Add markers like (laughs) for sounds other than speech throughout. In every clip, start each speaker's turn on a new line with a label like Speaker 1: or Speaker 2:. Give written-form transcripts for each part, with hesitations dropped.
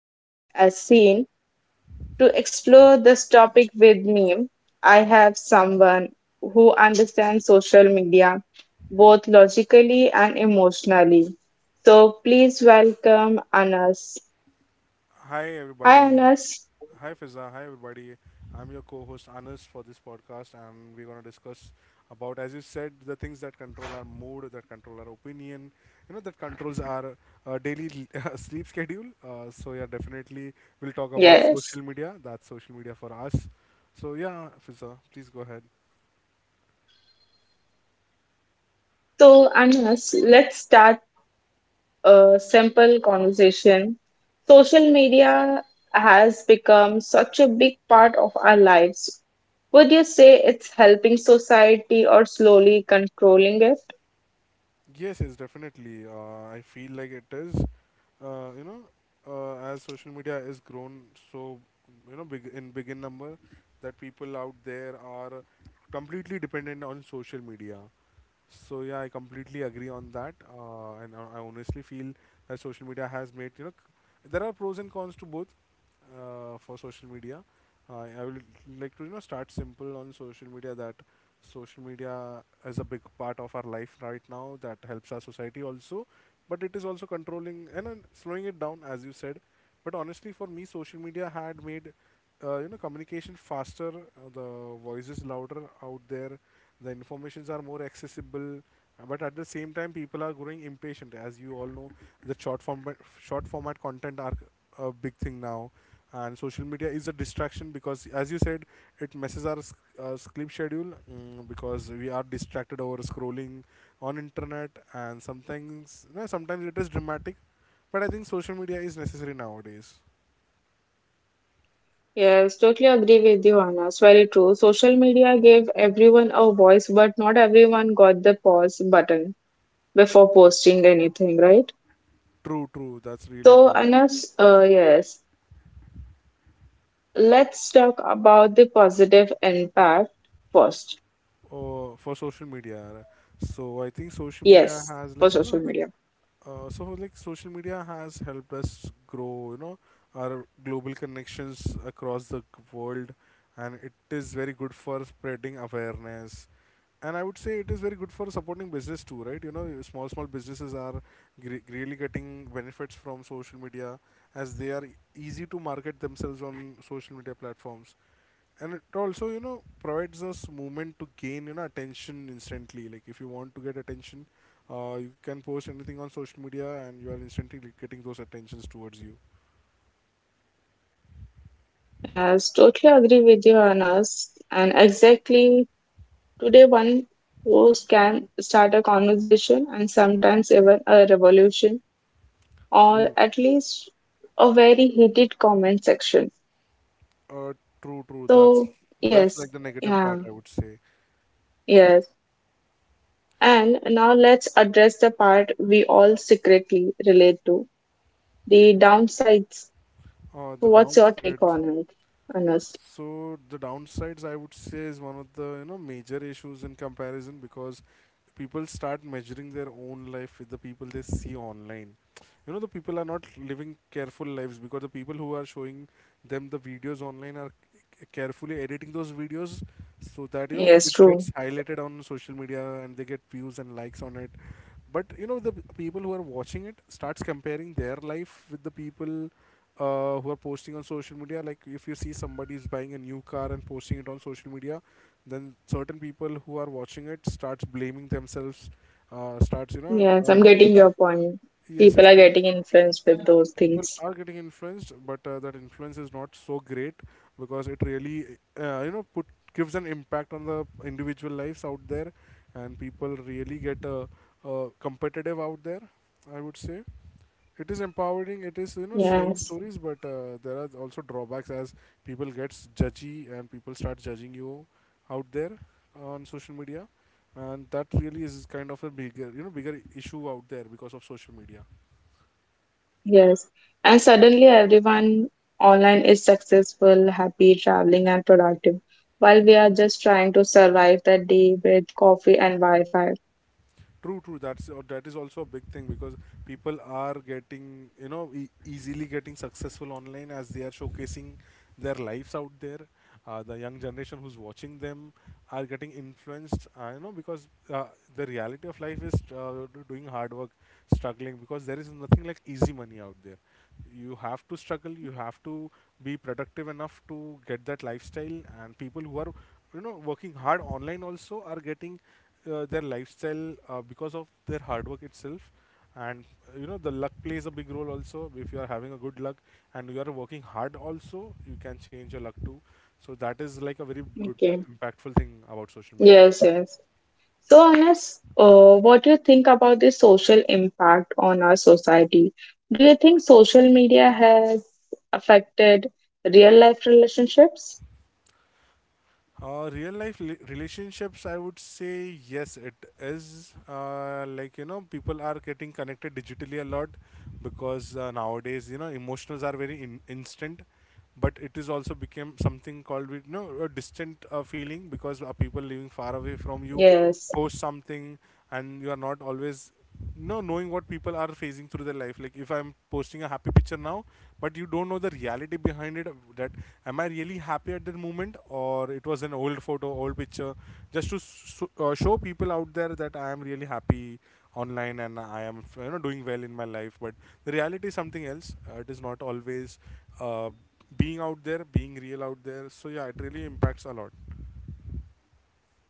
Speaker 1: typed as seen. To explore this topic with me, I have someone who understands social media both logically and emotionally. So please welcome Anas.
Speaker 2: Hi
Speaker 1: Hi,
Speaker 2: everybody.
Speaker 1: Anas.
Speaker 2: Hi Fiza. Hi everybody. I'm your co-host Anas for this podcast, and we're gonna discuss about, as you said, the things that control our mood, that control our opinion, you know, that controls our daily (laughs) sleep schedule. So yeah, definitely we'll talk about
Speaker 1: Yes.
Speaker 2: social media. That's social media for us. So yeah, Fiza, please go ahead.
Speaker 1: So, Anas, let's start a simple conversation. Social media has become such a big part of our lives. Would you say it's helping society or slowly controlling it?
Speaker 2: Yes, yes, definitely. I feel like it is. uh, you know, as social media is grown so, you know, big in number, that people out there are completely dependent on social media. So yeah, I completely agree on that, and I honestly feel that social media has made, you know, there are pros and cons to both for social media. I will like to, you know, start simple on social media that social media is a big part of our life right now that helps our society also, but it is also controlling and slowing it down as you said. But honestly, for me, social media had made, you know, communication faster, the voices louder out there, the informations are more accessible, but at the same time people are growing impatient. As you all know, the short format content are a big thing now, and social media is a distraction because, as you said, it messes our sleep schedule, because we are distracted over scrolling on internet. And sometimes no, sometimes it is dramatic, but I think social media is necessary nowadays.
Speaker 1: Yes, totally agree with you, Anna. It's very true. Social media gave everyone a voice, but not everyone got the pause button before posting anything, right?
Speaker 2: True, true, that's really
Speaker 1: So,
Speaker 2: true.
Speaker 1: Anna, yes, let's talk about the positive impact first.
Speaker 2: For social media. So I think social media
Speaker 1: Yes,
Speaker 2: has,
Speaker 1: for
Speaker 2: like, you
Speaker 1: social
Speaker 2: know.
Speaker 1: media.
Speaker 2: So like social media has helped us grow, you know, our global connections across the world, and it is very good for spreading awareness. And I would say it is very good for supporting business too, right? You know, your small businesses are really getting benefits from social media as they are easy to market themselves on social media platforms, and it also, you know, provides us movement to gain, you know, attention instantly. Like if you want to get attention, you can post anything on social media and you are instantly getting those attentions towards you.
Speaker 1: Yes, totally agree with you, Anas. And exactly today, one post can start a conversation and sometimes even a revolution, or
Speaker 2: True.
Speaker 1: at least a very heated comment section.
Speaker 2: uh, True,
Speaker 1: So,
Speaker 2: that's
Speaker 1: yes,
Speaker 2: like the negative part,
Speaker 1: yeah,
Speaker 2: I would say.
Speaker 1: yes. And now let's address the part we all secretly relate to: the downsides. So,
Speaker 2: The
Speaker 1: what's your take
Speaker 2: downside.
Speaker 1: on it, Honest?
Speaker 2: So the downsides, I would say, is one of the, you know, major issues in comparison, because people start measuring their own life with the people they see online. You know, the people are not living careful lives because the people who are showing them the videos online are carefully editing those videos so that, you know,
Speaker 1: Yes,
Speaker 2: it
Speaker 1: true.
Speaker 2: gets highlighted on social media and they get views and likes on it. But you know, the people who are watching it starts comparing their life with the people who are posting on social media. Like if you see somebody is buying a new car and posting it on social media, then certain people who are watching it starts blaming themselves, starts, you know.
Speaker 1: Yes,
Speaker 2: uh,
Speaker 1: I'm getting your point.
Speaker 2: yes
Speaker 1: People
Speaker 2: yes
Speaker 1: are getting influenced with those
Speaker 2: people
Speaker 1: things.
Speaker 2: are getting influenced, but that influence is not so great, because it really, you know put gives an impact on the individual lives out there, and people really get competitive out there, I would say. It is empowering, it is, you know, sharing
Speaker 1: Yes.
Speaker 2: stories, but there are also drawbacks, as people gets judgy and people start judging you out there on social media, and that really is kind of a bigger you know bigger issue out there because of social media.
Speaker 1: Yes. And suddenly everyone online is successful, happy, traveling, and productive, while we are just trying to survive the day with coffee and Wi-Fi.
Speaker 2: True, true. That's that is also a big thing because people are getting, you know, easily getting successful online as they are showcasing their lives out there. The young generation who's watching them are getting influenced, you know, because the reality of life is doing hard work, struggling, because there is nothing like easy money out there. You have to struggle. You have to be productive enough to get that lifestyle, and people who are, you know, working hard online also are getting, their lifestyle because of their hard work itself. And you know, the luck plays a big role also. If you are having a good luck and you are working hard also, you can change your luck too, so that is like a very good
Speaker 1: Okay.
Speaker 2: impactful thing about social media.
Speaker 1: Yes, yes. So, Anas, what do you think about the social impact on our society? Do you think social media has affected real life relationships?
Speaker 2: Real life relationships, I would say yes, it is. Like, you know, people are getting connected digitally a lot because, nowadays, you know, emotions are very instant. But it is also became something called, you know, a distant feeling, because people living far away from you
Speaker 1: Yes.
Speaker 2: post something, and you are not always, you know, knowing what people are facing through their life. Like, if I'm posting a happy picture now, but you don't know the reality behind it, that am I really happy at that moment, or it was an old picture, just to s show people out there that I am really happy online and I am, you know, doing well in my life. But the reality is something else. It is not always uh, being out there, being real out there. So yeah, it really impacts a lot.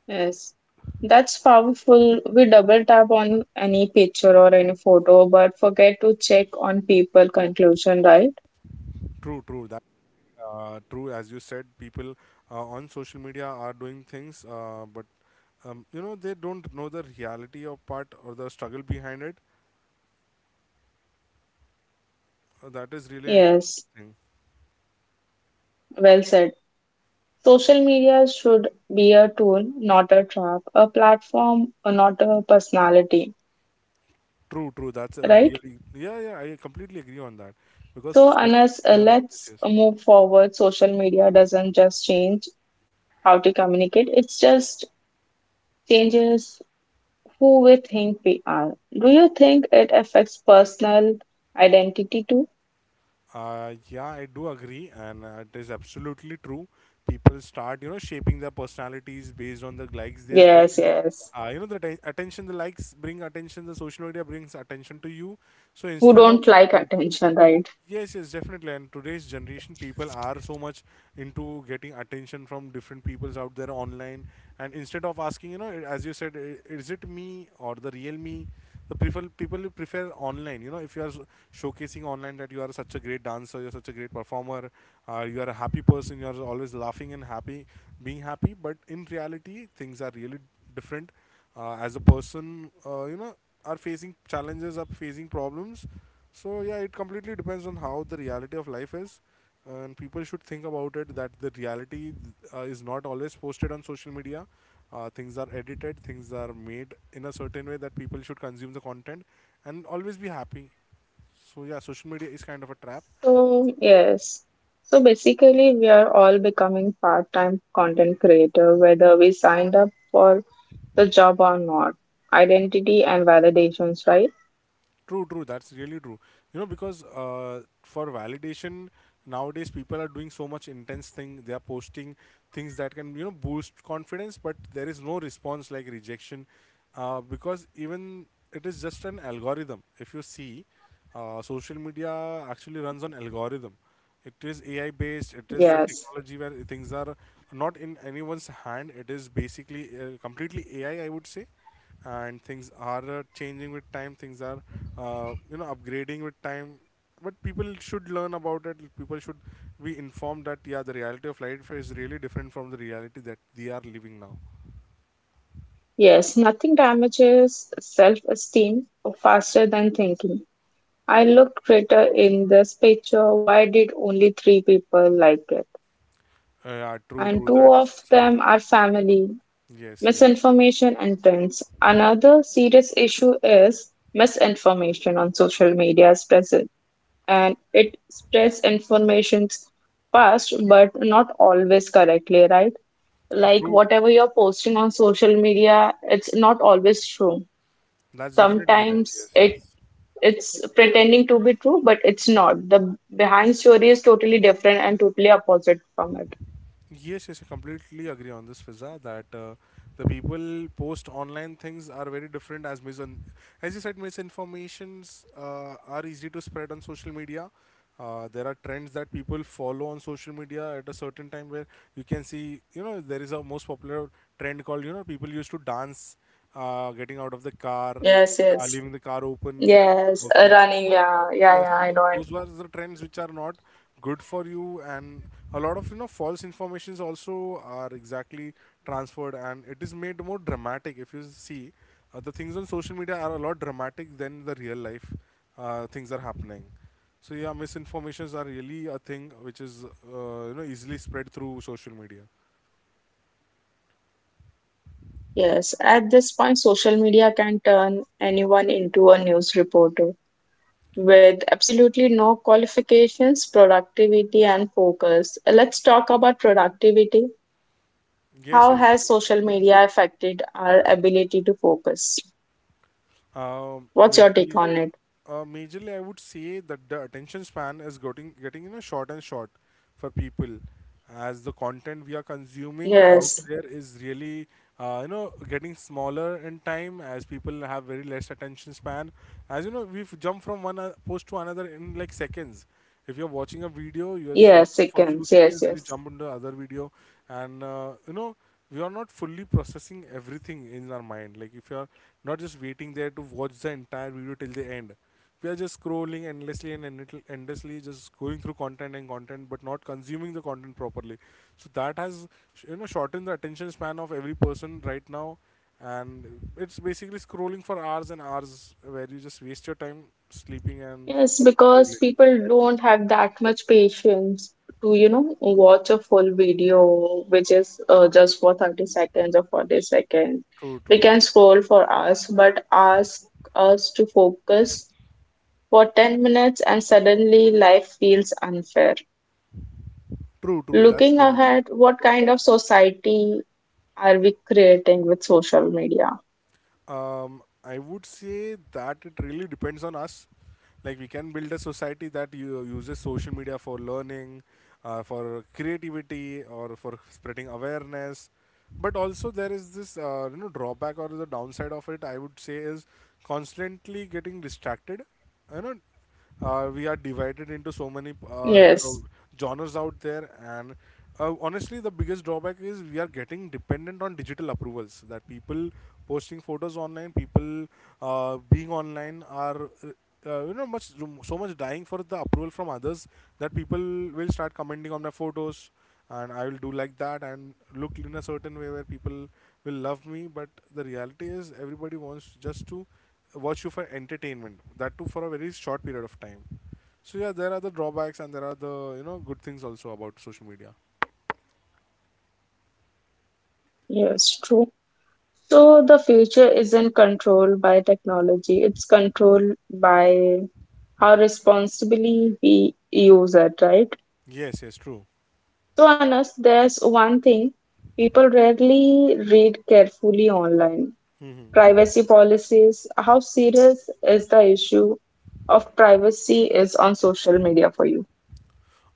Speaker 1: Yes, that's powerful. We double tap on any picture or any photo, but forget to check on people conclusion, right?
Speaker 2: True, true. That true. As you said, people on social media are doing things, but you know, they don't know the reality of part or the struggle behind it. That is really an.
Speaker 1: Yes, well said. Social media should be a tool, not a trap, a platform, not a personality,
Speaker 2: True, true. That's a
Speaker 1: right?
Speaker 2: really yeah, yeah, I completely agree on that because
Speaker 1: So,
Speaker 2: social
Speaker 1: Anas,
Speaker 2: media.
Speaker 1: let's
Speaker 2: Yes, yes.
Speaker 1: move forward. Social media doesn't just change how to communicate, it just changes who we think we are. Do you think it affects personal identity too?
Speaker 2: Yeah, I do agree, and it is absolutely true. People start, you know, shaping their personalities based on the likes they are
Speaker 1: Yes,
Speaker 2: getting.
Speaker 1: yes.
Speaker 2: You know, the attention, the likes bring attention. The social media brings attention to you. So
Speaker 1: Who
Speaker 2: instead of
Speaker 1: don't like
Speaker 2: uh,
Speaker 1: attention, right?
Speaker 2: yes, yes, definitely. And today's generation, people are so much into getting attention from different peoples out there online. And instead of asking, you know, as you said, is it me or the real me? The prefer people prefer online. You know, if you are showcasing online that you are such a great dancer, you're such a great performer, you are a happy person, you are always laughing and happy, being happy. But in reality, things are really different, as a person, you know, are facing challenges, are facing problems. So yeah, it completely depends on how the reality of life is, and people should think about it, that the reality is not always posted on social media. Uh, things are edited, things are made in a certain way that people should consume the content and always be happy. So yeah, social media is kind of a trap.
Speaker 1: So, yes. So basically, we are all becoming part-time content creator, whether we signed up for the job or not. Identity and validations, right?
Speaker 2: True, true. That's really true. You know, because for validation nowadays, people are doing so much intense thing. They are posting things that can, you know, boost confidence, but there is no response like rejection, because even it is just an algorithm. If you see, social media actually runs on algorithm. It is AI based. It is the
Speaker 1: Yes.
Speaker 2: technology where things are not in anyone's hand. It is basically completely AI. I would say and things are, changing with time, things are, you know, upgrading with time, but people should learn about it, people should be informed that yeah, the reality of life is really different from the reality that they are living now.
Speaker 1: Yes. Nothing damages self-esteem faster than thinking. I looked greater in this picture. Why did only three people like it?
Speaker 2: Yeah, true,
Speaker 1: And
Speaker 2: true, that
Speaker 1: two
Speaker 2: is
Speaker 1: of
Speaker 2: also
Speaker 1: them are family.
Speaker 2: yes, yes,
Speaker 1: Misinformation and trends. Another serious issue is misinformation on social media is present, and it spreads information fast but not always correctly, right? Like
Speaker 2: true,
Speaker 1: whatever you're posting on social media, it's not always true.
Speaker 2: that's definitely right,
Speaker 1: Sometimes
Speaker 2: yes,
Speaker 1: it
Speaker 2: yes.
Speaker 1: it's pretending to be true, but it's not. The behind story is totally different and totally opposite from it.
Speaker 2: Yes, yes, I completely agree on this, Fiza, that the people post online things are very different, as mis as you said, misinformations are easy to spread on social media. There are trends that people follow on social media at a certain time, where you can see, you know, there is a most popular trend called, you know, people used to dance, getting out of the car,
Speaker 1: Yes, yes.
Speaker 2: leaving the car open and
Speaker 1: Yes,
Speaker 2: working.
Speaker 1: running. Yeah, yeah,
Speaker 2: Yes,
Speaker 1: yeah.
Speaker 2: so
Speaker 1: I know.
Speaker 2: those were the trends which are not good for you, and a lot of, you know, false informations also are exactly transferred, and it is made more dramatic. If you see, the things on social media are a lot dramatic than the real life things are happening. So yeah, misinformations are really a thing which is, you know, easily spread through social media.
Speaker 1: Yes, at this point, social media can turn anyone into a news reporter with absolutely no qualifications, productivity, and focus. Let's talk about productivity.
Speaker 2: Yes,
Speaker 1: How
Speaker 2: yes,
Speaker 1: has
Speaker 2: definitely.
Speaker 1: social media affected our ability to focus?
Speaker 2: Um,
Speaker 1: What's your take
Speaker 2: majorly,
Speaker 1: on it?
Speaker 2: majorly, I would say that the attention span is getting short and short for people, as the content we are consuming out
Speaker 1: Yes,
Speaker 2: there is really, getting smaller in time, as people have very less attention span. As you know, we've jumped from one post to another in like seconds. If you're watching a video you are just watching
Speaker 1: yes, it
Speaker 2: for a
Speaker 1: can.
Speaker 2: few
Speaker 1: Yes,
Speaker 2: seconds and you
Speaker 1: yes.
Speaker 2: jump into other video. And we are not fully processing everything in our mind. Like if you're not just waiting there to watch the entire video till the end, we are just scrolling endlessly, and endlessly just going through content and content but not consuming the content properly. So that has shortened the attention span of every person right now, and it's basically scrolling for hours and hours where you just waste your time sleeping and
Speaker 1: Yes, because
Speaker 2: scrolling.
Speaker 1: people don't have that much patience to, you know, watch a full video, which is just for 30 seconds or 40 seconds.
Speaker 2: True,
Speaker 1: They
Speaker 2: true.
Speaker 1: can scroll for hours, but ask us to focus for 10 minutes and suddenly life feels unfair.
Speaker 2: True, true. That's
Speaker 1: Looking
Speaker 2: really really
Speaker 1: ahead,
Speaker 2: true.
Speaker 1: what kind of society are we creating with social media?
Speaker 2: I would say that it really depends on us. Like we can build a society that you uses social media for learning, for creativity, or for spreading awareness. But also there is this drawback or the downside of it. I would say is constantly getting distracted. You know, we are divided into so many, uh,
Speaker 1: Yes,
Speaker 2: genres out there. And honestly the biggest drawback is we are getting dependent on digital approvals, that people posting photos online, people being online are, much, so much dying for the approval from others. That people will start commenting on my photos, and I will do like that, and look in a certain way where people will love me. But the reality is everybody wants just to watch you for entertainment. That too for a very short period of time. So yeah, there are the drawbacks and there are the, you know, good things also about social media.
Speaker 1: yes, true. So the future isn't controlled by technology, it's controlled by how responsibly we use it, right?
Speaker 2: Yes, yes, true.
Speaker 1: So, Anas, there's one thing people rarely read carefully online:
Speaker 2: Hmm.
Speaker 1: privacy policies. How serious is the issue of privacy is on social media for you?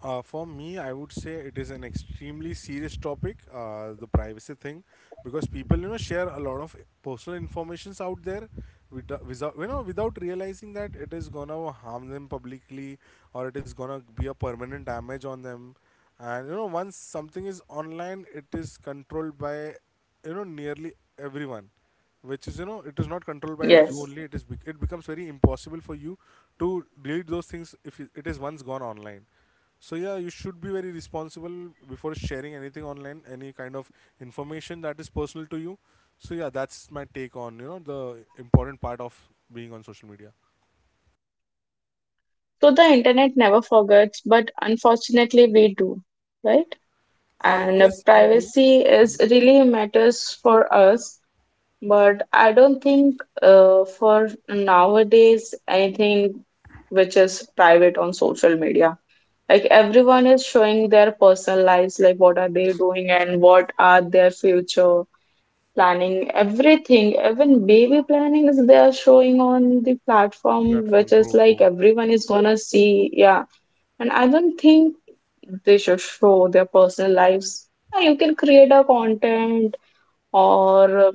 Speaker 2: For me, I would say it is an extremely serious topic, the privacy thing, because people, you know, share a lot of personal informations out there, without you know, without realizing that it is gonna harm them publicly, or it is gonna be a permanent damage on them. And you know, once something is online, it is controlled by, you know, nearly everyone. Which is, you know, it is not controlled by you
Speaker 1: Yes.
Speaker 2: only. It is it becomes very impossible for you to delete those things if it is once gone online. So yeah, you should be very responsible before sharing anything online, any kind of information that is personal to you. So yeah, that's my take on, you know, the important part of being on social media.
Speaker 1: So the internet never forgets, but unfortunately we do, right?
Speaker 2: Uh,
Speaker 1: And
Speaker 2: yes, we do.
Speaker 1: privacy is really matters for us, but I don't think for nowadays anything which is private on social media. Like everyone is showing their personal lives, like what are they doing and what are their future planning, everything, even baby planning is they are showing on the platform, which
Speaker 2: Platform,
Speaker 1: is
Speaker 2: true,
Speaker 1: like
Speaker 2: true.
Speaker 1: everyone is gonna see. Yeah, and I don't think they should show their personal lives. Yeah, you can create a content or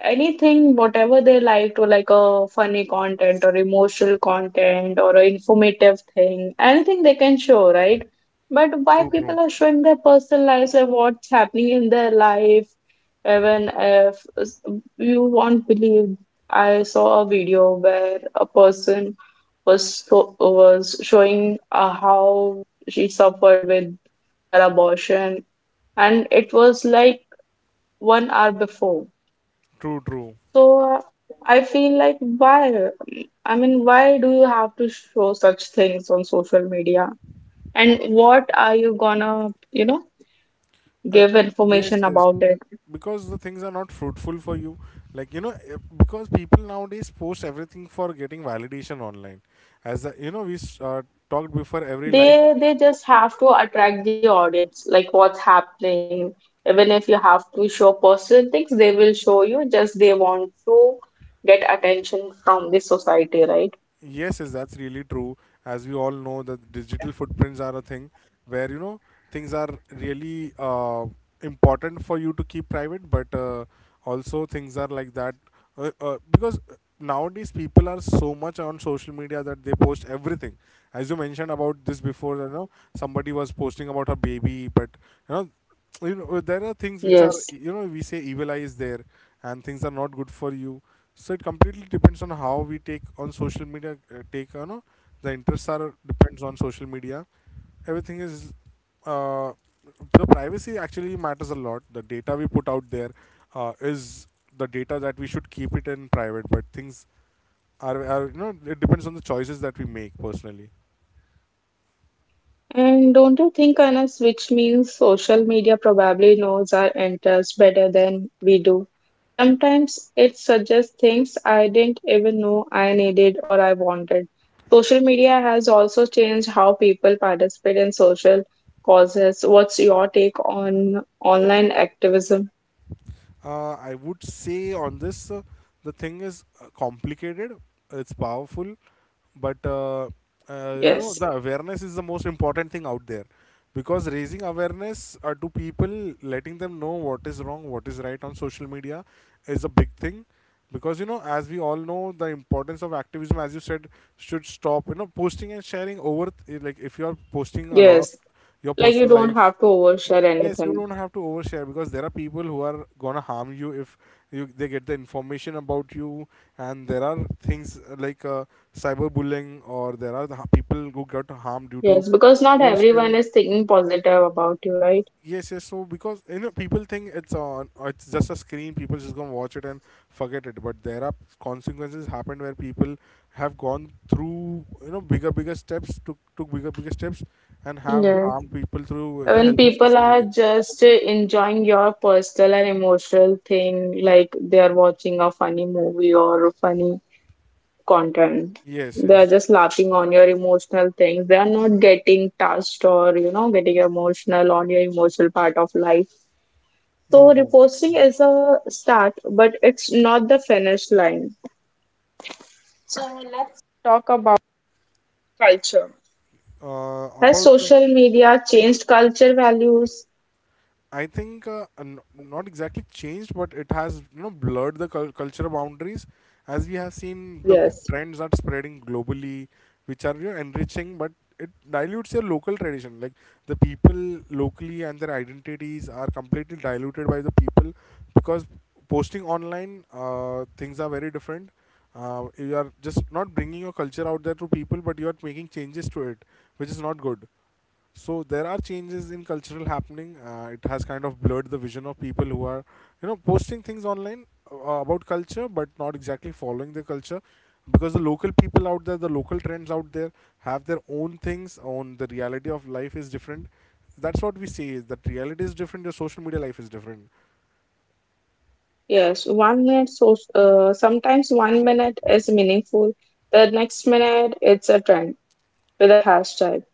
Speaker 1: anything whatever they liked, or like a funny content or emotional content or a informative thing, anything they can show, right? But why
Speaker 2: True,
Speaker 1: people
Speaker 2: true.
Speaker 1: are showing their personal lives and what's happening in their life, even if you won't believe, I saw a video where a person was showing how she suffered with her abortion, and it was like 1 hour before.
Speaker 2: True, true.
Speaker 1: So I feel like, why? I mean, why do you have to show such things on social media? And what are you gonna, you know, give
Speaker 2: Yes,
Speaker 1: information
Speaker 2: yes.
Speaker 1: about it?
Speaker 2: Because the things are not fruitful for you. Like, you know, eh, because people nowadays post everything for getting validation online. As, a, you know, we talked before, every like.
Speaker 1: They just have to attract the audience, like what's happening. Even if you have to show personal things, they will show you. Just they want to get attention from the society, right?
Speaker 2: Yes, yes, that's really true. As we all know, that digital footprints are a thing where, you know, things are really, important for you to keep private. But also things are like that. Because nowadays people are so much on social media that they post everything. As you mentioned about this before, you know, somebody was posting about her baby, but you know, there are things which are,
Speaker 1: Yes.
Speaker 2: you know, we say evil eye is there, and things are not good for you. So it completely depends on how we take on social media. Uh, take, you know, the interests are depends on social media. Everything is, uh, the privacy actually matters a lot. The data we put out there, is the data that we should keep it in private. But things are, you know, it depends on the choices that we make personally.
Speaker 1: And don't you think, Anas, which means social media probably knows our interests better than we do? Sometimes it suggests things I didn't even know I needed or I wanted. Social media has also changed how people participate in social causes. What's your take on online activism?
Speaker 2: Uh, I would say on this, the thing is, complicated. It's powerful, but you know,
Speaker 1: Yes,
Speaker 2: the awareness is the most important thing out there. Because raising awareness, to people, letting them know what is wrong, what is right on social media is a big thing. Because you know, as we all know, the importance of activism, as you said, should stop, you know, posting and sharing over. Like if you are posting a lot of
Speaker 1: yes.
Speaker 2: your
Speaker 1: Like you
Speaker 2: personal
Speaker 1: don't
Speaker 2: life.
Speaker 1: have to overshare
Speaker 2: Yes, you
Speaker 1: anything.
Speaker 2: don't have to overshare, because there are people who are gonna harm you if you they get the information about you. And there are things, like cyberbullying, or there are the people who got harmed due to
Speaker 1: Yes, because not everyone
Speaker 2: oversharing.
Speaker 1: is thinking positive about you, right?
Speaker 2: Yes, yes. So because you know people think it's on, it's just a screen. People just gonna watch it and forget it. But there are consequences happened where people have gone through, you know, bigger, bigger steps, took bigger, bigger steps, and have
Speaker 1: Yes.
Speaker 2: harmed people through the
Speaker 1: When
Speaker 2: help of
Speaker 1: people
Speaker 2: social
Speaker 1: are
Speaker 2: media.
Speaker 1: just enjoying your personal and emotional thing, like they are watching a funny movie or funny content,
Speaker 2: Yes,
Speaker 1: they are
Speaker 2: yes.
Speaker 1: just laughing on your emotional things. They are not getting touched or, you know, getting emotional on your emotional part of life. So,
Speaker 2: No, no.
Speaker 1: reposting is a start, but it's not the finish line. So, let's talk about culture. Has
Speaker 2: About the,
Speaker 1: social media changed culture values?
Speaker 2: I think, not exactly changed, but it has, you know, blurred the cultural boundaries, as we have seen the
Speaker 1: Yes.
Speaker 2: trends are spreading globally, which are, you know, enriching, but it dilutes your local tradition. Like the people locally and their identities are completely diluted by the people, because posting online, things are very different. You are just not bringing your culture out there to people, but you are making changes to it, which is not good. So there are changes in cultural happening. It has kind of blurred the vision of people who are, you know, posting things online, uh, about culture, but not exactly following the culture, because the local people out there, the local trends out there, have their own things. On the reality of life is different. That's what we say is that reality is different. Your social media life is different.
Speaker 1: Yes, 1 minute, so sometimes 1 minute is meaningful, the next minute it's a trend with a hashtag.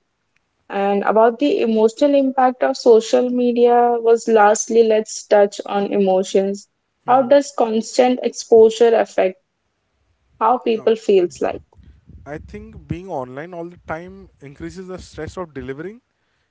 Speaker 1: And about the emotional impact of social media was lastly, let's touch on emotions. How
Speaker 2: Hmm.
Speaker 1: does constant exposure affect how people feels like?
Speaker 2: I think being online all the time increases the stress of delivering.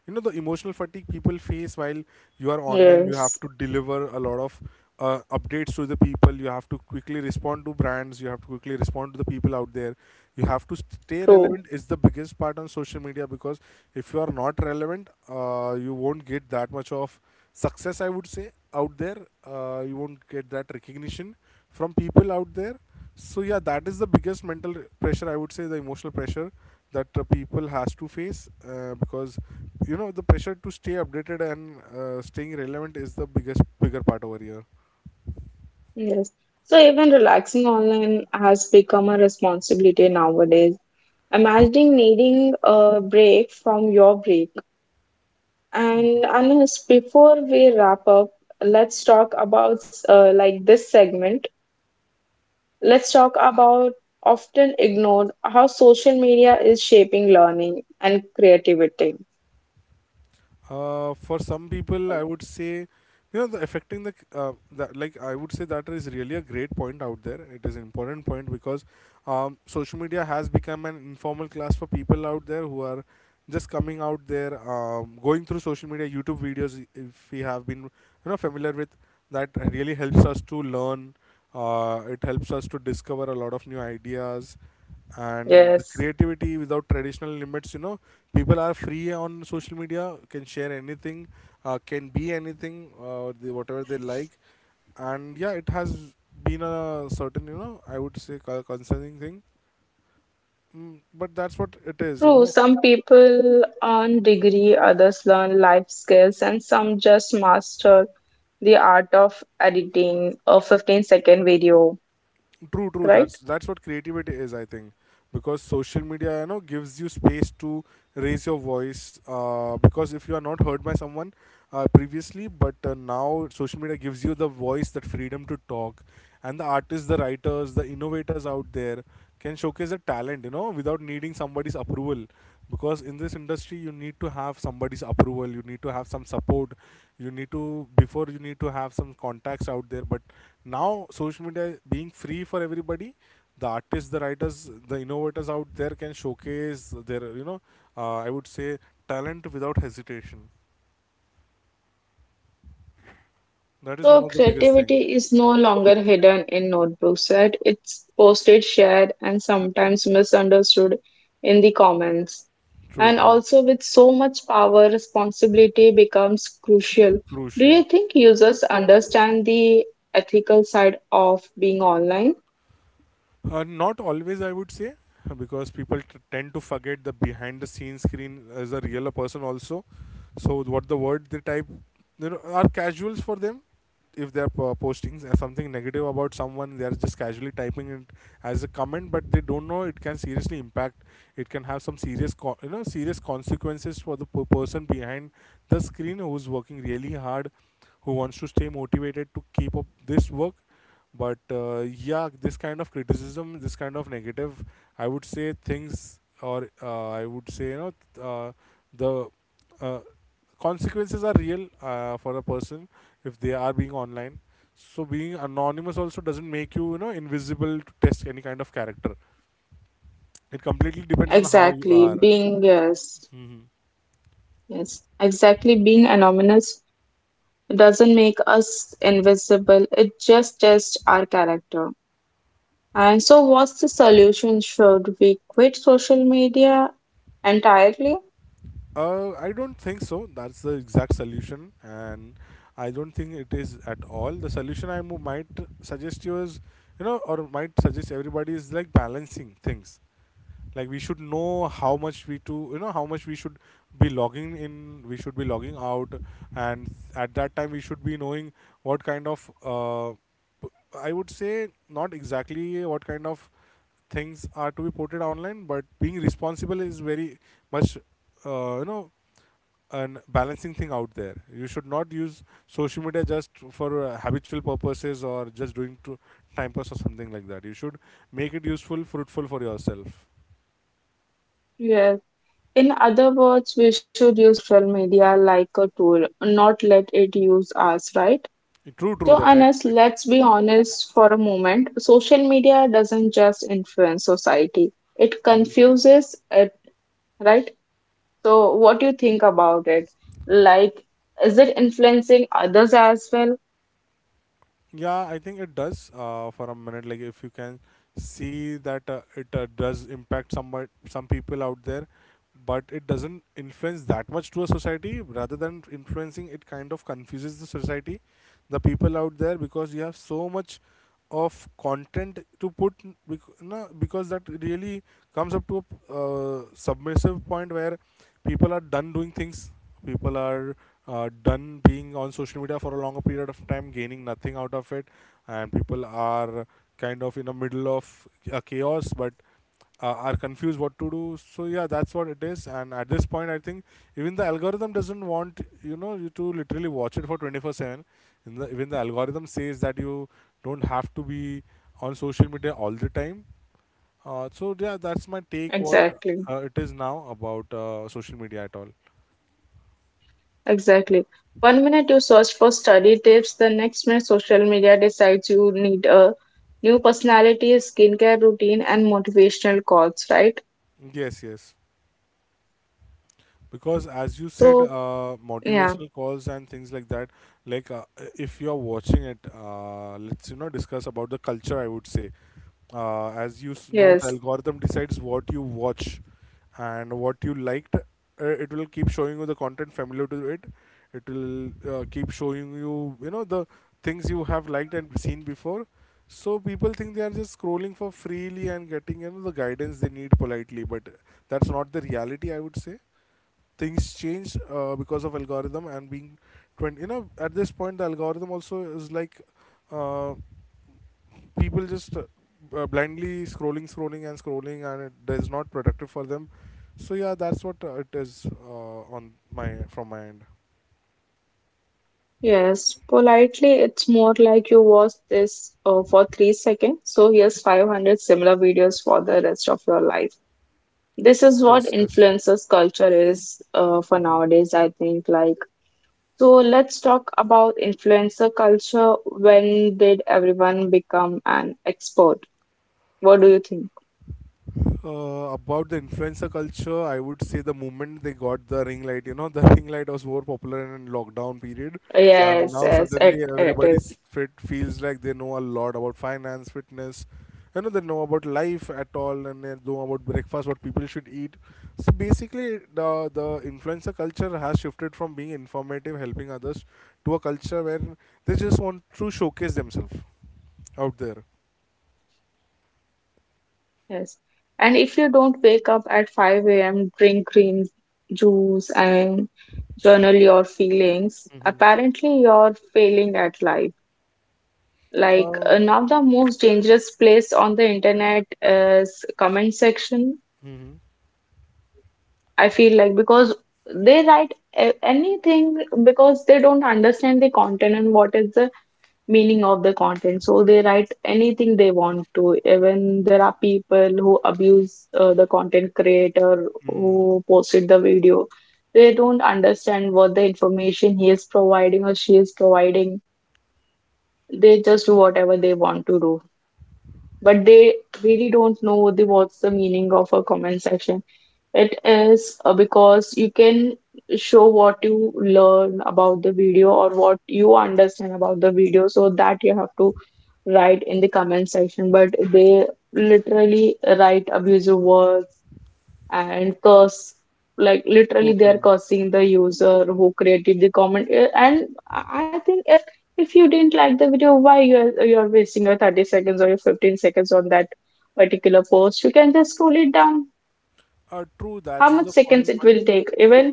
Speaker 2: You know, the emotional fatigue people face while you are online. You have
Speaker 1: Yes,
Speaker 2: to deliver a lot of updates to the people, you have to quickly respond to brands, you have to quickly respond to the people out there. You have to stay
Speaker 1: true.
Speaker 2: relevant, is the biggest part on social media. Because if you are not relevant, you won't get that much of success, I would say, out there. You won't get that recognition from people out there. So yeah, that is the biggest mental pressure, I would say, the emotional pressure, that people has to face, because you know, the pressure to stay updated and, staying relevant is the biggest bigger part over here.
Speaker 1: Yes. So even relaxing online has become a responsibility nowadays. Imagining needing a break from your break. And Anas, before we wrap up, let's talk about like this segment. Let's talk about often ignored how social media is shaping learning and creativity.
Speaker 2: For some people, I would say, you know, the affecting the, that like I would say that is really a great point out there. It is an important point because, social media has become an informal class for people out there who are just coming out there, going through social media, YouTube videos. If we have been, you know, familiar with that, really helps us to learn. It helps us to discover a lot of new ideas and the
Speaker 1: Yes,
Speaker 2: creativity without traditional limits. You know, people are free on social media, can share anything, can be anything, whatever they like. And yeah, it has been a certain, you know, I would say concerning thing. Mm, but that's what it is, you
Speaker 1: true,
Speaker 2: know.
Speaker 1: some people earn degree, others learn life skills, and some just master the art of editing a 15-second video,
Speaker 2: True, true.
Speaker 1: right?
Speaker 2: That's what creativity is I think. Because social media, you know, gives you space to raise your voice. Uh, because if you are not heard by someone previously, but now social media gives you the voice, that freedom to talk. And the artists, the writers, the innovators out there can showcase their talent, you know, without needing somebody's approval. Because in this industry you need to have somebody's approval, you need to have some support, you need to, before you need to have some contacts out there. But now social media being free for everybody, the artists, the writers, the innovators out there can showcase their, you know, I would say, talent without hesitation. That is one
Speaker 1: So
Speaker 2: of the biggest thing.
Speaker 1: creativity is no longer hidden in notebooks, right? It's posted, shared, and sometimes misunderstood in the comments.
Speaker 2: True,
Speaker 1: And
Speaker 2: true.
Speaker 1: also with so much power, responsibility becomes crucial. Do you
Speaker 2: Crucial.
Speaker 1: think users understand the ethical side of being online?
Speaker 2: Not always, I would say, because people tend to forget the behind the scenes screen as a real person also. So what the word they type, you know, are casuals for them. If they are posting something negative about someone, they are just casually typing it as a comment, but they don't know it can seriously impact. It can have some serious, you know, serious consequences for the person behind the screen who's working really hard, who wants to stay motivated to keep up this work, but yeah, this kind of criticism, this kind of negative, I would say, things, or I would say, you know, th- the uh, consequences are real, for a person if they are being online. So being anonymous also doesn't make you, you know, invisible to test any kind of character. It completely depends on how you
Speaker 1: Exactly.
Speaker 2: are.
Speaker 1: Being, yes,
Speaker 2: Hmm.
Speaker 1: yes, exactly. Being anonymous doesn't make us invisible, it just tests our character. And so, what's the solution? Should we quit social media entirely?
Speaker 2: I don't think so. That's the exact solution, and I don't think it is at all. The solution I might suggest you is, you know, or might suggest everybody, is like balancing things. Like, we should know how much you know, how much we should be logging in, we should be logging out, and at that time we should be knowing what kind of, p- I would say not exactly what kind of things are to be ported online, but being responsible is very much, you know, an balancing thing out there. You should not use social media just for habitual purposes or just doing to time pass or something like that. You should make it useful, fruitful for yourself.
Speaker 1: Yes. In other words, we should use social media like a tool, not let it use us, right?
Speaker 2: True, true.
Speaker 1: So,
Speaker 2: That I
Speaker 1: Anas,
Speaker 2: completely.
Speaker 1: let's be honest for a moment. Social media doesn't just influence society, it
Speaker 2: Mm-hmm.
Speaker 1: confuses it, right? So, what do you think about it? Like, is it influencing others as well?
Speaker 2: Yeah, I think it does, for a minute. Like, if you can see that it does impact somewhat some people out there, but it doesn't influence that much to a society. Rather than influencing, it kind of confuses the society, the people out there, because you have so much of content to put, because, no, because that really comes up to a submissive point where people are done doing things, people are done being on social media for a longer period of time, gaining nothing out of it, and people are kind of in the middle of a chaos, but are confused what to do. So yeah, that's what it is. And at this point, I think even the algorithm doesn't, want you know, you to literally watch it for 24/7. In the, even the algorithm says that you don't have to be on social media all the time. So yeah, that's my take. What
Speaker 1: Exactly,
Speaker 2: it is now about social media at all?
Speaker 1: exactly. 1 minute you search for study tips, the next minute social media decides you need a new personality, skincare routine, and motivational quotes, right?
Speaker 2: Yes, yes. Because, as you said,
Speaker 1: So, yeah,
Speaker 2: motivational calls and things like that, like if you're watching it, let's, you know, discuss about the culture, I would say. As you know, the
Speaker 1: yes,
Speaker 2: algorithm decides what you watch and what you liked. It will keep showing you the content familiar to it. It will keep showing you, you know, the things you have liked and seen before. So people think they are just scrolling for freely and getting, you know, the guidance they need politely, but that's not the reality. I would say things change because of algorithm, and being 20, you know, at this point the algorithm also is like, uh, people just blindly scrolling and scrolling, and it is not productive for them. So yeah, that's what it is on my, from my end.
Speaker 1: yes. Politely, it's more like you watch this for 3 seconds. So, here's 500 similar videos for the rest of your life. This is what
Speaker 2: Yes, yes.
Speaker 1: influencers culture is for nowadays, I think. Like, so let's talk about influencer culture. When did everyone become an expert? What do you think?
Speaker 2: About the influencer culture, I would say the moment they got the ring light, you know, the (laughs) ring light was more popular in lockdown period, and
Speaker 1: Yes,
Speaker 2: now
Speaker 1: yes, it,
Speaker 2: suddenly
Speaker 1: it
Speaker 2: everybody
Speaker 1: is.
Speaker 2: s- fit feels like they know a lot about finance, fitness, you know, they know about life at all, and they know about breakfast, what people should eat. So basically, the influencer culture has shifted from being informative, helping others, to a culture where they just want to showcase themselves out there.
Speaker 1: Yes, and if you don't wake up at 5 a.m., drink green juice and journal your feelings,
Speaker 2: Mm-hmm.
Speaker 1: apparently you're failing at life. Like,
Speaker 2: Uh,
Speaker 1: now the most dangerous place on the internet is comment section,
Speaker 2: Mm-hmm.
Speaker 1: I feel like, because they write anything because they don't understand the content and what is the meaning of the content. So they write anything they want to. Even there are people who abuse the content creator
Speaker 2: Hmm.
Speaker 1: who posted the video. They don't understand what the information he is providing or she is providing. They just do whatever they want to do. But they really don't know the what's the meaning of a comment section. It is because you can show what you learn about the video or what you understand about the video, so that you have to write in the comment section. But they literally write abusive words and curse, like
Speaker 2: True,
Speaker 1: literally they are
Speaker 2: true.
Speaker 1: cursing the user who created the comment. Eh, and I think if you didn't like the video, why you're wasting your 30 seconds or your 15 seconds on that particular post? You can just scroll it down.
Speaker 2: True,
Speaker 1: How
Speaker 2: that's
Speaker 1: much
Speaker 2: the
Speaker 1: seconds
Speaker 2: point,
Speaker 1: it
Speaker 2: but
Speaker 1: will take? Even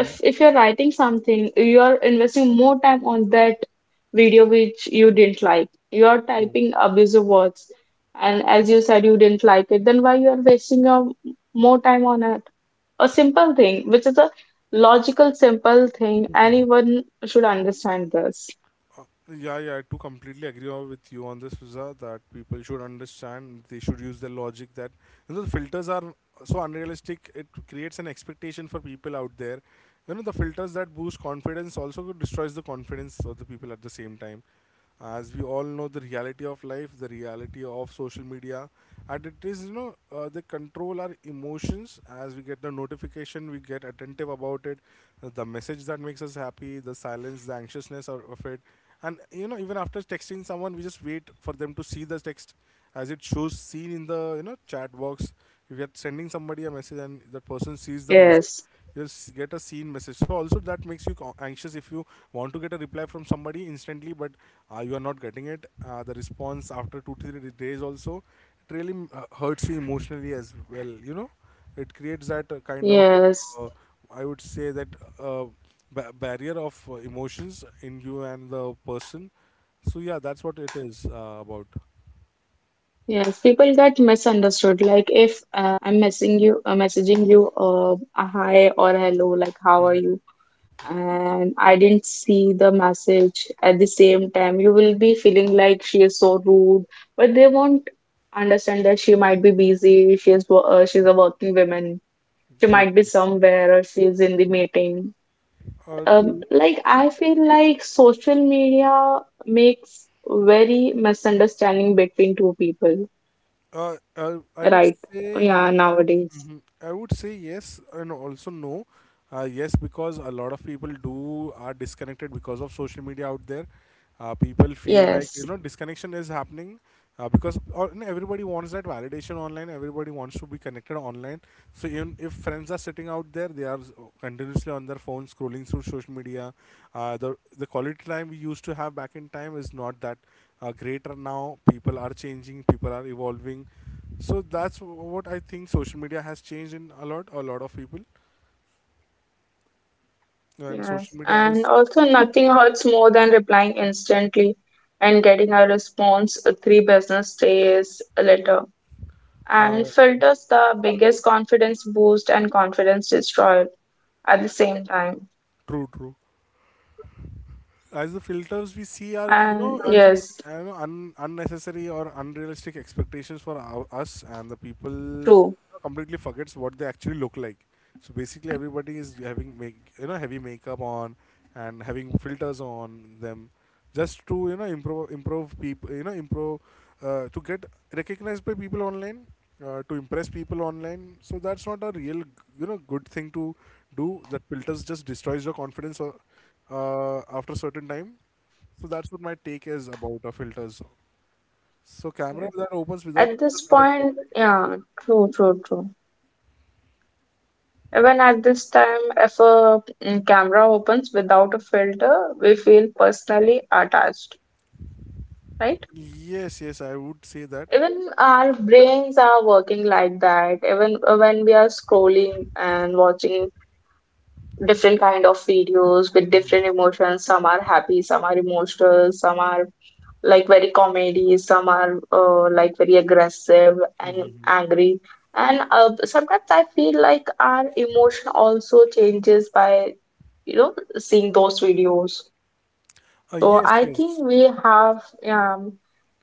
Speaker 1: if if you're writing something, you are investing more time on that video which you didn't like. You are
Speaker 2: true.
Speaker 1: typing abusive words, and as you said, you didn't like it, then why you are wasting your more time on it? A simple thing which is a logical simple thing, anyone should understand this.
Speaker 2: Uh, yeah, yeah, I do completely agree with you on this, Fiza, that people should understand, they should use the logic that, you know, the filters are so unrealistic, it creates an expectation for people out there. You know, the filters that boost confidence also destroys the confidence of the people at the same time. As we all know, the reality of life, the reality of social media, and it is, you know, they control our emotions. As we get the notification, we get attentive about it, the message that makes us happy, the silence, the anxiousness of it. And you know, even after texting someone, we just wait for them to see the text, as it shows seen in the, you know, chat box. If you're sending somebody a message and that person sees the message,
Speaker 1: Yes.
Speaker 2: you'll get a seen message, so also that makes you anxious if you want to get a reply from somebody instantly, but you are not getting it, the response after 2 3 days also, it really hurts you emotionally as well, you know. It creates that kind of,
Speaker 1: Yes,
Speaker 2: uh, I would say that uh, barrier of emotions in you and the person. So yeah, that's what it is about.
Speaker 1: yes. People get misunderstood. Like if I'm messaging you, a hi or hello, like how are you? And I didn't see the message at the same time. You will be feeling like she is so rude, but they won't understand that she might be busy. She is she's a working woman. She
Speaker 2: True,
Speaker 1: might be
Speaker 2: true.
Speaker 1: somewhere or she is in the meeting.
Speaker 2: True.
Speaker 1: Like I feel like social media makes very misunderstanding between two people,
Speaker 2: Uh, uh, I would
Speaker 1: right?
Speaker 2: say
Speaker 1: Yeah, nowadays.
Speaker 2: Mhm. I would say yes, and also no. Yes, because a lot of people do are disconnected because of social media out there. People feel like,
Speaker 1: Yes.
Speaker 2: you know, disconnection is happening, and everybody wants that validation online. Everybody wants to be connected online. So even if friends are sitting out there, they are continuously on their phone, scrolling through social media. The quality time we used to have back in time is not that greater now. People are changing, people are evolving. So that's what I think social media has changed in a lot of people, and social
Speaker 1: Yes,
Speaker 2: media
Speaker 1: and
Speaker 2: is,
Speaker 1: also nothing hurts more than replying instantly and getting a response three business days later.
Speaker 2: uh,
Speaker 1: And filters, the biggest confidence boost and confidence destroyer at the same time.
Speaker 2: true, true. As the filters we see are, you
Speaker 1: And
Speaker 2: know, are creating,
Speaker 1: yes,
Speaker 2: I know, un- unnecessary or unrealistic expectations for our, us and the people,
Speaker 1: true.
Speaker 2: completely forgets what they actually look like. So basically everybody is having make, you know, heavy makeup on, and having filters on them, just to, you know, improve people, you know, improve, to get recognized by people online, to impress people online. So that's not a real, you know, good thing to do. That filters just destroys your confidence or, after a certain time. So that's what my take is about, filters. So camera
Speaker 1: Yes.
Speaker 2: that opens without
Speaker 1: At
Speaker 2: filters
Speaker 1: this
Speaker 2: are a great
Speaker 1: point,
Speaker 2: thing.
Speaker 1: yeah, true, true, true. Even at this time, if a camera opens without a filter, we feel personally attached, right?
Speaker 2: Yes, yes, I would say that.
Speaker 1: Even our brains are working like that. Even when we are scrolling and watching different kind of videos with different emotions, some are happy, some are emotional, some are like very comedy, some are like very aggressive and angry. And sometimes I feel like our emotion also changes by seeing those videos. So
Speaker 2: Yes,
Speaker 1: I think
Speaker 2: yes,
Speaker 1: we have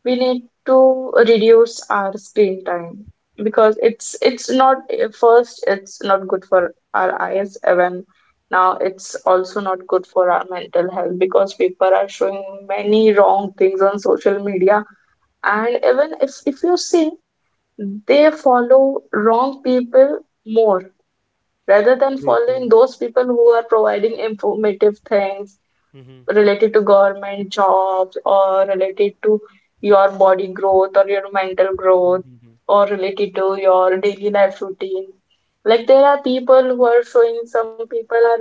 Speaker 1: we need to reduce our screen time, because it's not, first, it's not good for our eyes, even now it's also not good for our mental health, because people are showing many wrong things on social media. And even if you see, they follow wrong people more rather than
Speaker 2: true, true.
Speaker 1: following those people who are providing informative things
Speaker 2: Mm-hmm.
Speaker 1: related to government jobs or related to your body growth or your mental growth or related to your daily life routine. Like there are people who are showing, some people are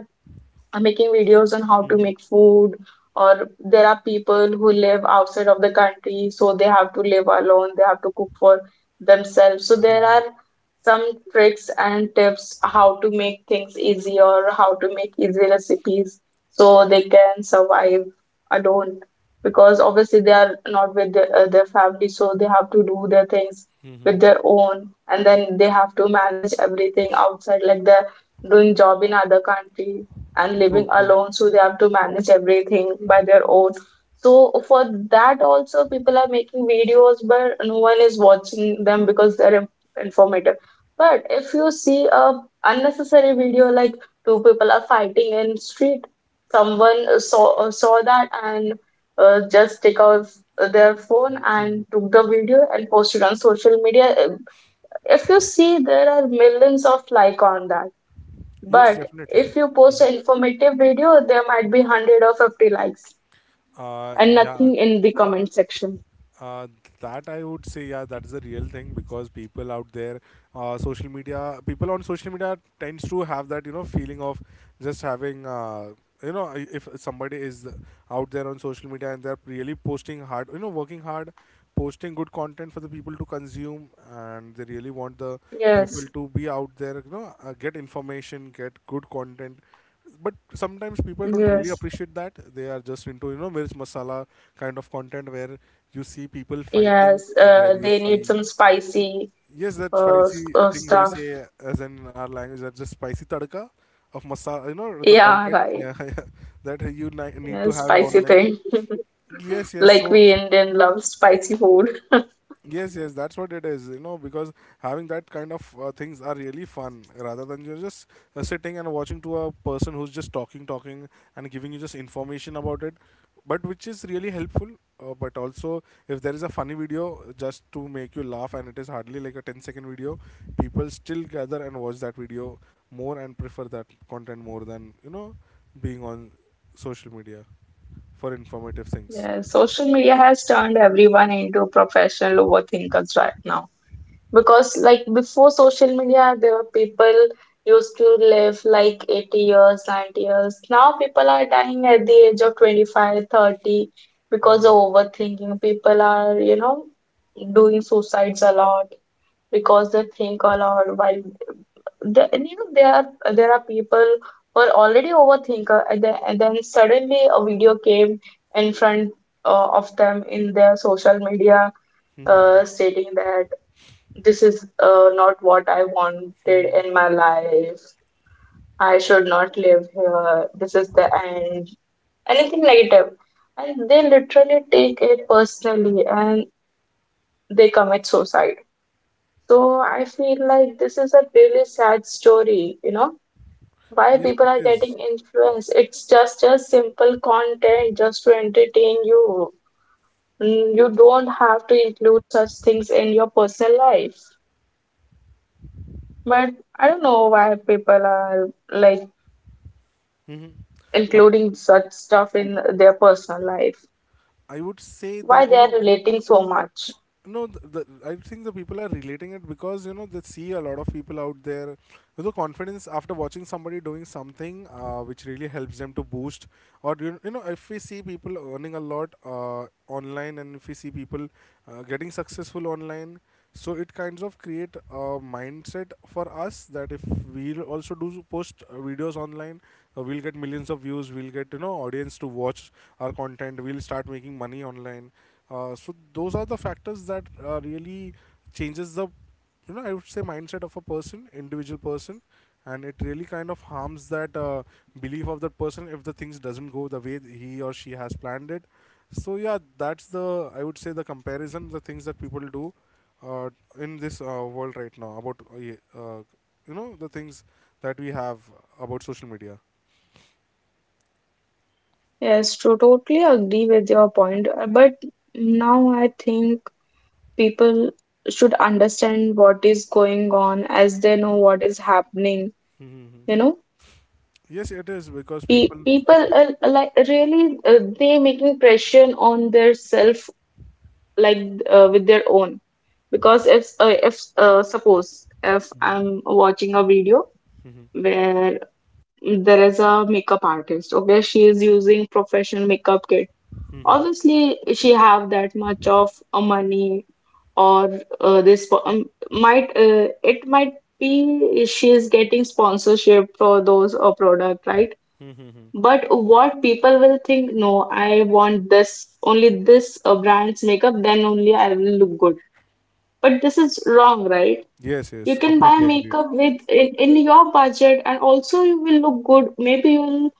Speaker 1: making videos on how to make food, or there are people who live outside of the country, so they have to live alone, they have to cook for themselves, so there are some tricks and tips how to make things easy or how to make easy recipes so they can survive alone, because obviously they are not with their family, so they have to do their things
Speaker 2: Mm-hmm.
Speaker 1: with their own, and then they have to manage everything outside, like they're doing job in other country and
Speaker 2: True,
Speaker 1: living
Speaker 2: true.
Speaker 1: alone, so they have to manage everything by their own. So for that also people are making videos, but no one is watching them because they're informative. But if you see a unnecessary video, like two people are fighting in street, someone saw that, and just take out their phone and took the video and posted on social media. If you see, there are millions of like on that,
Speaker 2: Yes,
Speaker 1: but
Speaker 2: definitely.
Speaker 1: if you post an informative video, there might be 100 or 50 likes and
Speaker 2: Yeah,
Speaker 1: nothing in the comment section.
Speaker 2: Uh, that I would say, yeah, that is a real thing. Because people out there, social media, people on social media tends to have that, you know, feeling of just having, you know, if somebody is out there on social media and they're really posting hard, you know, working hard, posting good content for the people to consume, and they really want the
Speaker 1: Yes,
Speaker 2: people to be out there, you know, get information, get good content, but sometimes people don't really
Speaker 1: yes,
Speaker 2: appreciate that. They are just into, you know, mirch masala kind of content, where you see people fighting,
Speaker 1: yes.
Speaker 2: where you
Speaker 1: They need
Speaker 2: see,
Speaker 1: some spicy
Speaker 2: yes, that spicy things we
Speaker 1: stuff.
Speaker 2: say, as in our language, that's just spicy tadka of masala, you know, the
Speaker 1: Yeah,
Speaker 2: content. (laughs)
Speaker 1: right.
Speaker 2: Yeah, yeah, that you need
Speaker 1: Yeah,
Speaker 2: to have
Speaker 1: spicy
Speaker 2: online.
Speaker 1: thing.
Speaker 2: Yes, yes.
Speaker 1: Like
Speaker 2: So,
Speaker 1: we Indian love spicy food.
Speaker 2: yes, yes, that's what it is, you know. Because having that kind of things are really fun, rather than you're just sitting and watching to a person who's just talking, talking, and giving you just information about it, but which is really helpful. But also, if there is a funny video just to make you laugh and it is hardly like a ten-second video, people still gather and watch that video more and prefer that content more than, you know, being on social media for informative things.
Speaker 1: Yeah, social media has turned everyone into professional overthinkers right now, because like before social media, there were people used to live like 80 years, 90 years. Now people are dying at the age of 25, 30, because
Speaker 2: Hmm.
Speaker 1: of overthinking. People are, you know, doing suicides a lot because they think a lot while you know, there are people who are already overthinker, and then suddenly a video came in front of them in their social media
Speaker 2: Hmm.
Speaker 1: stating that this is not what I wanted
Speaker 2: Hmm.
Speaker 1: in my life. I should not live here. This is the end. Anything negative. And they literally take it personally and they commit suicide. So I feel like this is a really sad story, you know, why
Speaker 2: Yes,
Speaker 1: people
Speaker 2: it
Speaker 1: are getting
Speaker 2: is.
Speaker 1: influenced. It's just a simple content just to entertain you. You don't have to include such things in your personal life. But I don't know why people are like
Speaker 2: Mhm. Uh,
Speaker 1: including such stuff in their personal life.
Speaker 2: I would say
Speaker 1: Why
Speaker 2: that,
Speaker 1: they
Speaker 2: you
Speaker 1: are
Speaker 2: know,
Speaker 1: relating so much?
Speaker 2: no th the, I think the people are relating it because, you know, they see a lot of people out there, you know, confidence after watching somebody doing something, which really helps them to boost. Or you know, if we see people earning a lot online, and if we see people getting successful online, so it kinds of create a mindset for us that if we'll also do post videos online, we'll get millions of views, we'll get, you know, audience to watch our content, we'll start making money online. So those are the factors that really changes the, you know, I would say, mindset of a person, individual person. And it really kind of harms that belief of that person if the things doesn't go the way he or she has planned it. So yeah, that's the, I would say, the comparison, the things that people do uh, in this world right now about you know, the things that we have about social media.
Speaker 1: Yes, true. Totally agree with your point. But now I think people should understand what is going on, as they know what is happening.
Speaker 2: Mm-hmm.
Speaker 1: You know,
Speaker 2: Yes, it is because people.
Speaker 1: People are like really they making pressure on their self, like with their own, because if suppose if
Speaker 2: Mm-hmm.
Speaker 1: I'm watching a video where there is a makeup artist, okay, she is using professional makeup kit.
Speaker 2: Mm-hmm.
Speaker 1: Obviously she have that much of money, or this spo- might it might be she is getting sponsorship for those product, right?
Speaker 2: Mm-hmm.
Speaker 1: But what people will think? No, I want this only, this brand's makeup, then only I will look good. But this is wrong, right?
Speaker 2: Yes,
Speaker 1: You
Speaker 2: yes,
Speaker 1: can buy
Speaker 2: completely agreed.
Speaker 1: makeup with in your budget, and also you will look good. Maybe you will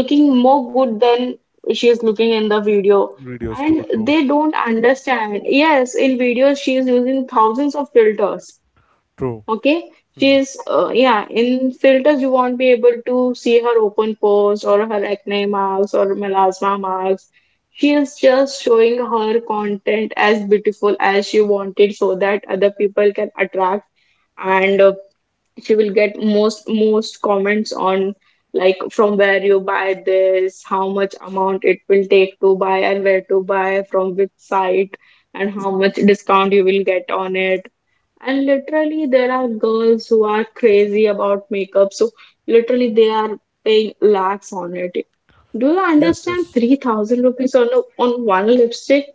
Speaker 1: looking more good than she is looking in the video.
Speaker 2: Videos,
Speaker 1: And
Speaker 2: true, true,
Speaker 1: they don't understand. Yes, in videos she is using thousands of filters.
Speaker 2: true.
Speaker 1: Okay, she
Speaker 2: Hmm.
Speaker 1: is yeah, in filters you won't be able to see her open pores or her acne marks or melasma marks. She is just showing her content as beautiful as she wanted, so that other people can attract. And she will get most comments on, like, from where you buy this, how much amount it will take to buy, and where to buy, from which site, and how much discount you will get on it. And literally there are girls who are crazy about makeup, so literally they are paying lakhs on it. Do you
Speaker 2: Yes,
Speaker 1: understand?
Speaker 2: yes.
Speaker 1: 3000 rupees on a, on one lipstick,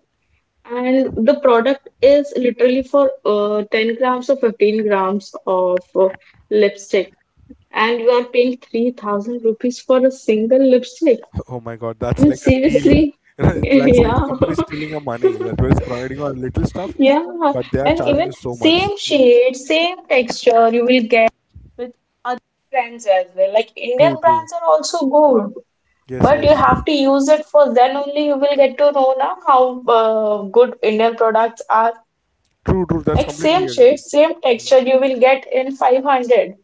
Speaker 1: and the product is literally for 10 grams or 15 grams of lipstick, and you are paying 3000 rupees for a single lipstick.
Speaker 2: (laughs) Oh my God,
Speaker 1: I
Speaker 2: that's
Speaker 1: mean,
Speaker 2: like a steal.
Speaker 1: seriously.
Speaker 2: (laughs)
Speaker 1: (laughs)
Speaker 2: That's like the
Speaker 1: Yeah.
Speaker 2: company stealing your money. That
Speaker 1: (laughs)
Speaker 2: was providing you a little stuff,
Speaker 1: Yeah,
Speaker 2: but they are
Speaker 1: and
Speaker 2: charging you
Speaker 1: even
Speaker 2: so much.
Speaker 1: same shade, same texture you will get with other brands as well. Like
Speaker 2: True,
Speaker 1: Indian
Speaker 2: true.
Speaker 1: brands are also good,
Speaker 2: Yes,
Speaker 1: but
Speaker 2: yes.
Speaker 1: you have to use it, for then only you will get to know now how good Indian products are.
Speaker 2: True, true. That's
Speaker 1: Like same
Speaker 2: completely
Speaker 1: shade, same texture you will get in 500.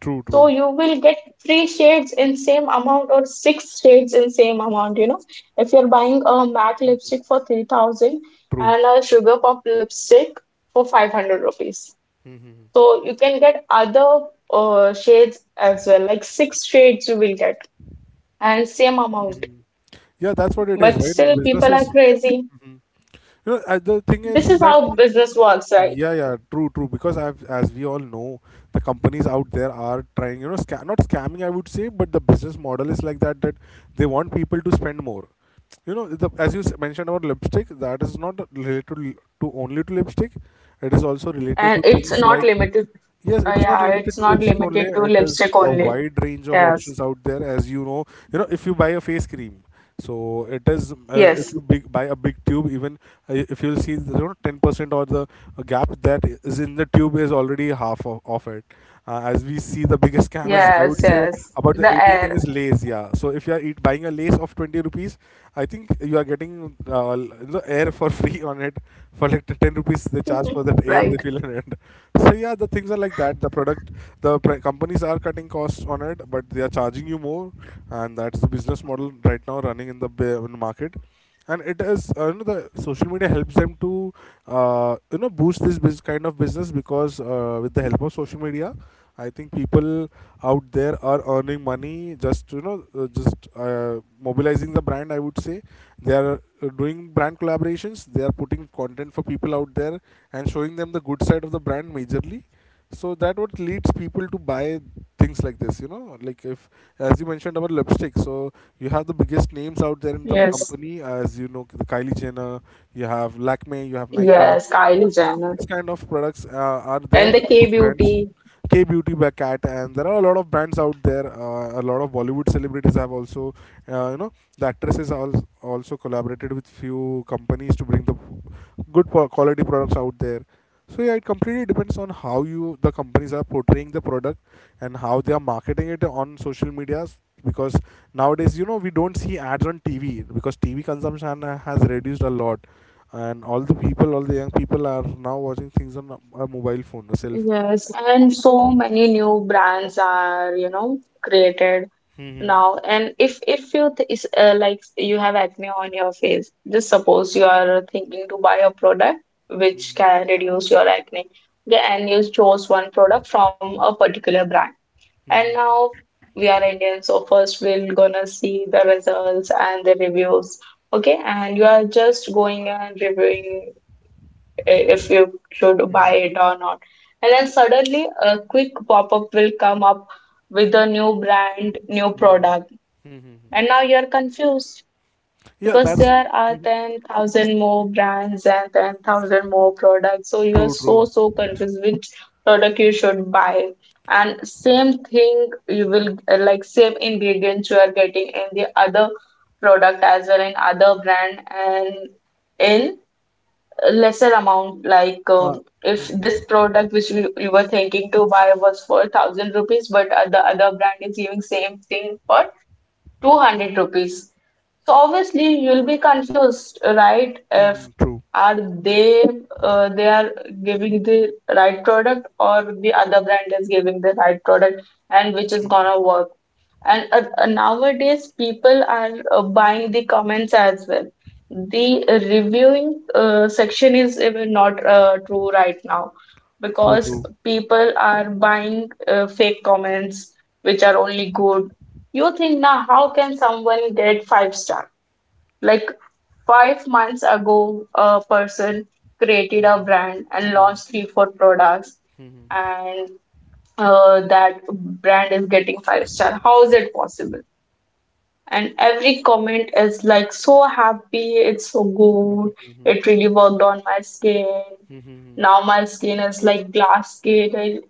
Speaker 2: true,
Speaker 1: So
Speaker 2: true,
Speaker 1: you will get three shades in same amount, or six shades in same amount, you know. If you're buying a MAC lipstick for 3000
Speaker 2: true.
Speaker 1: and a Sugar Pop lipstick for 500 rupees.
Speaker 2: Mm-hmm.
Speaker 1: So you can get other shades as well, like six shades you will get, and same amount.
Speaker 2: Mm-hmm. Yeah, that's what it is,
Speaker 1: But
Speaker 2: right?
Speaker 1: still
Speaker 2: Business
Speaker 1: people are
Speaker 2: is.
Speaker 1: crazy.
Speaker 2: Hmm. You the thing is
Speaker 1: This is
Speaker 2: that.
Speaker 1: how business works, right?
Speaker 2: Yeah, yeah, true, true. Because I've, as we all know, the companies out there are trying, you know, scam, not scamming, I would say, but the business model is like that, that they want people to spend more. You know, as you mentioned about lipstick, that is not related to only to lipstick. It is also related
Speaker 1: And
Speaker 2: to
Speaker 1: it's
Speaker 2: things
Speaker 1: not
Speaker 2: like.
Speaker 1: limited.
Speaker 2: Yes, it is not
Speaker 1: Yeah, it's
Speaker 2: limited to
Speaker 1: not
Speaker 2: lipstick only.
Speaker 1: limited to
Speaker 2: It is
Speaker 1: lipstick
Speaker 2: a
Speaker 1: only.
Speaker 2: wide range of
Speaker 1: Yeah.
Speaker 2: options out there. As you know, if you buy a face cream, so it is if you buy a big tube, even if you'll see, you know, 10% or the gap that is in the tube is already half of it. As we see, the biggest scam is I would say, about the eating thing is Lays. Yeah, so if you are buying a Lace of 20 rupees, I think you are getting uh, the air for (laughs) free on it. For like 10 rupees they charge for that air they fill in it. (laughs) So yeah, the things are like that. The companies are cutting costs on it, but they are charging you more, and that's the business model right now running in the, in the market. And it is you know, the social media helps them to you know, boost this kind of business. Because with the help of social media, I think people out there are earning money, just you know just mobilizing the brand, I would say. They are doing brand collaborations, they are putting content for people out there and showing them the good side of the brand majorly, so that what leads people to buy things like this. You know, like if, as you mentioned about lipstick, so you have the biggest names out there in the
Speaker 1: Yes.
Speaker 2: company. As you know, the Kylie Jenner, you have Lakme, you have Nika,
Speaker 1: Yes,
Speaker 2: you know,
Speaker 1: Kylie Jenner.
Speaker 2: these kind of products are there.
Speaker 1: And the K
Speaker 2: Brands,
Speaker 1: beauty.
Speaker 2: K Beauty by Cat, and there are a lot of brands out there. A lot of Bollywood celebrities have also you know, the actresses are also collaborated with few companies to bring the good quality products out there. So yeah, it completely depends on how you the companies are portraying the product and how they are marketing it on social medias. Because nowadays, you know, we don't see ads on TV, because TV consumption has reduced a lot, and all the people, all the young people are now watching things on a mobile phone, a cell
Speaker 1: Yes, and so many new brands are, you know, created
Speaker 2: phone.
Speaker 1: now. And if you th is like, you have acne on your face, just suppose you are thinking to buy a product which can reduce your acne, okay, and you chose one product from a particular brand.
Speaker 2: Hmm.
Speaker 1: And now
Speaker 2: Hmm.
Speaker 1: we are Indians, so first we're gonna see the results and the reviews. Okay, and you are just going and reviewing if you should buy it or not. And then suddenly a quick pop-up will come up with a new brand, new product, and now you're confused
Speaker 2: Yeah,
Speaker 1: because
Speaker 2: that's
Speaker 1: there are
Speaker 2: hmm
Speaker 1: 10,000 more brands and 10,000 more products. So you are
Speaker 2: true,
Speaker 1: so,
Speaker 2: true.
Speaker 1: so confused which product you should buy. And same thing, you will like same ingredients you are getting in the other product as well in other brand and in lesser amount. Like
Speaker 2: Uh,
Speaker 1: if
Speaker 2: hmm.
Speaker 1: this product which you were thinking to buy was for 1,000 rupees, but the other brand is giving same thing for 200 rupees. So obviously you'll be confused, right? If
Speaker 2: Hmm. True,
Speaker 1: are they are giving the right product, or the other brand is giving the right product, and which is gonna work. And nowadays people are buying the comments as well. The reviewing section is even not true right now,
Speaker 2: true,
Speaker 1: because
Speaker 2: true.
Speaker 1: people are buying fake comments which are only good. You think, now, how can someone get five star? Like 5 months ago, a person created a brand and launched three, four products,
Speaker 2: Hmm.
Speaker 1: and that brand is getting five star. How is it possible? And every comment is like, so happy, it's so good, it really worked on my skin. Now my skin is like glass skin. and,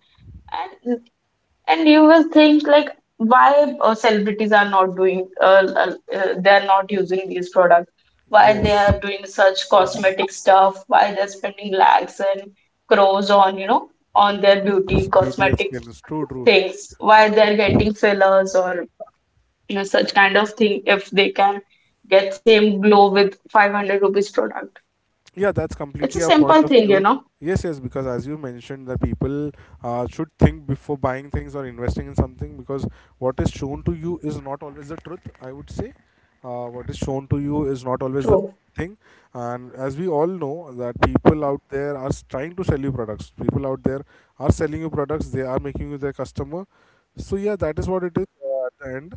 Speaker 1: and you will think like, why celebrities are not doing they are not using these products, why they
Speaker 2: Yes,
Speaker 1: are doing such cosmetic stuff, why they're spending lakhs and crores on, you know, on their
Speaker 2: this
Speaker 1: beauty
Speaker 2: beauty
Speaker 1: cosmetic
Speaker 2: experience. True, true.
Speaker 1: things, why they're getting fillers or, you know, such kind of thing, if they can get same glow with 500 rupees product.
Speaker 2: Yeah, that's
Speaker 1: It's a
Speaker 2: completely a point
Speaker 1: simple
Speaker 2: of
Speaker 1: thing, you
Speaker 2: view.
Speaker 1: know.
Speaker 2: Yes, yes, because as you mentioned, that people should think before buying things or investing in something, because what is shown to you is not always the truth, I would say. What is shown to you is not always the
Speaker 1: True.
Speaker 2: thing. And as we all know, that people out there are trying to sell you products. People out there are selling you products, they are making you their customer. So yeah, that is what it is at the end.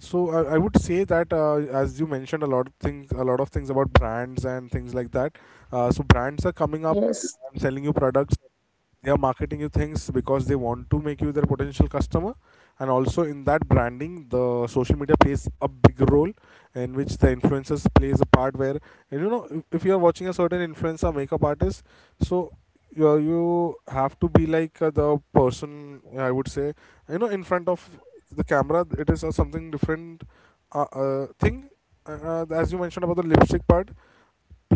Speaker 2: So I would say that as you mentioned a lot of things, a lot of things about brands and things like that. So brands are coming up
Speaker 1: Yes,
Speaker 2: and selling you products, they are marketing you things, because they want to make you their potential customer. And also in that branding, the social media plays a big role, in which the influencers plays a part where, and you know, if you are watching a certain influencer makeup artist, so you have to be like the person, I would say, you know, in front of the camera. It is something different thing. As you mentioned about the lipstick part,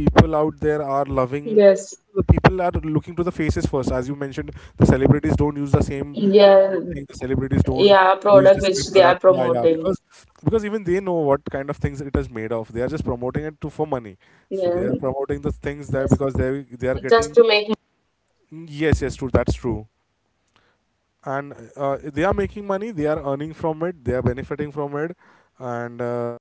Speaker 2: people out there are loving,
Speaker 1: yes,
Speaker 2: the people are looking to the faces first. As you mentioned, the celebrities don't use the same brand
Speaker 1: yes.
Speaker 2: thing. The celebrities don't
Speaker 1: Yeah,
Speaker 2: use the
Speaker 1: product
Speaker 2: same
Speaker 1: which they are
Speaker 2: product. Yeah, yeah,
Speaker 1: promoting.
Speaker 2: because even they know what kind of things it is made of, they are just promoting it to for money. So
Speaker 1: Yes.
Speaker 2: they are promoting the things that because they are getting, yes, yes, true, that's true. And they are making money, they are earning from it, they are benefiting from it. And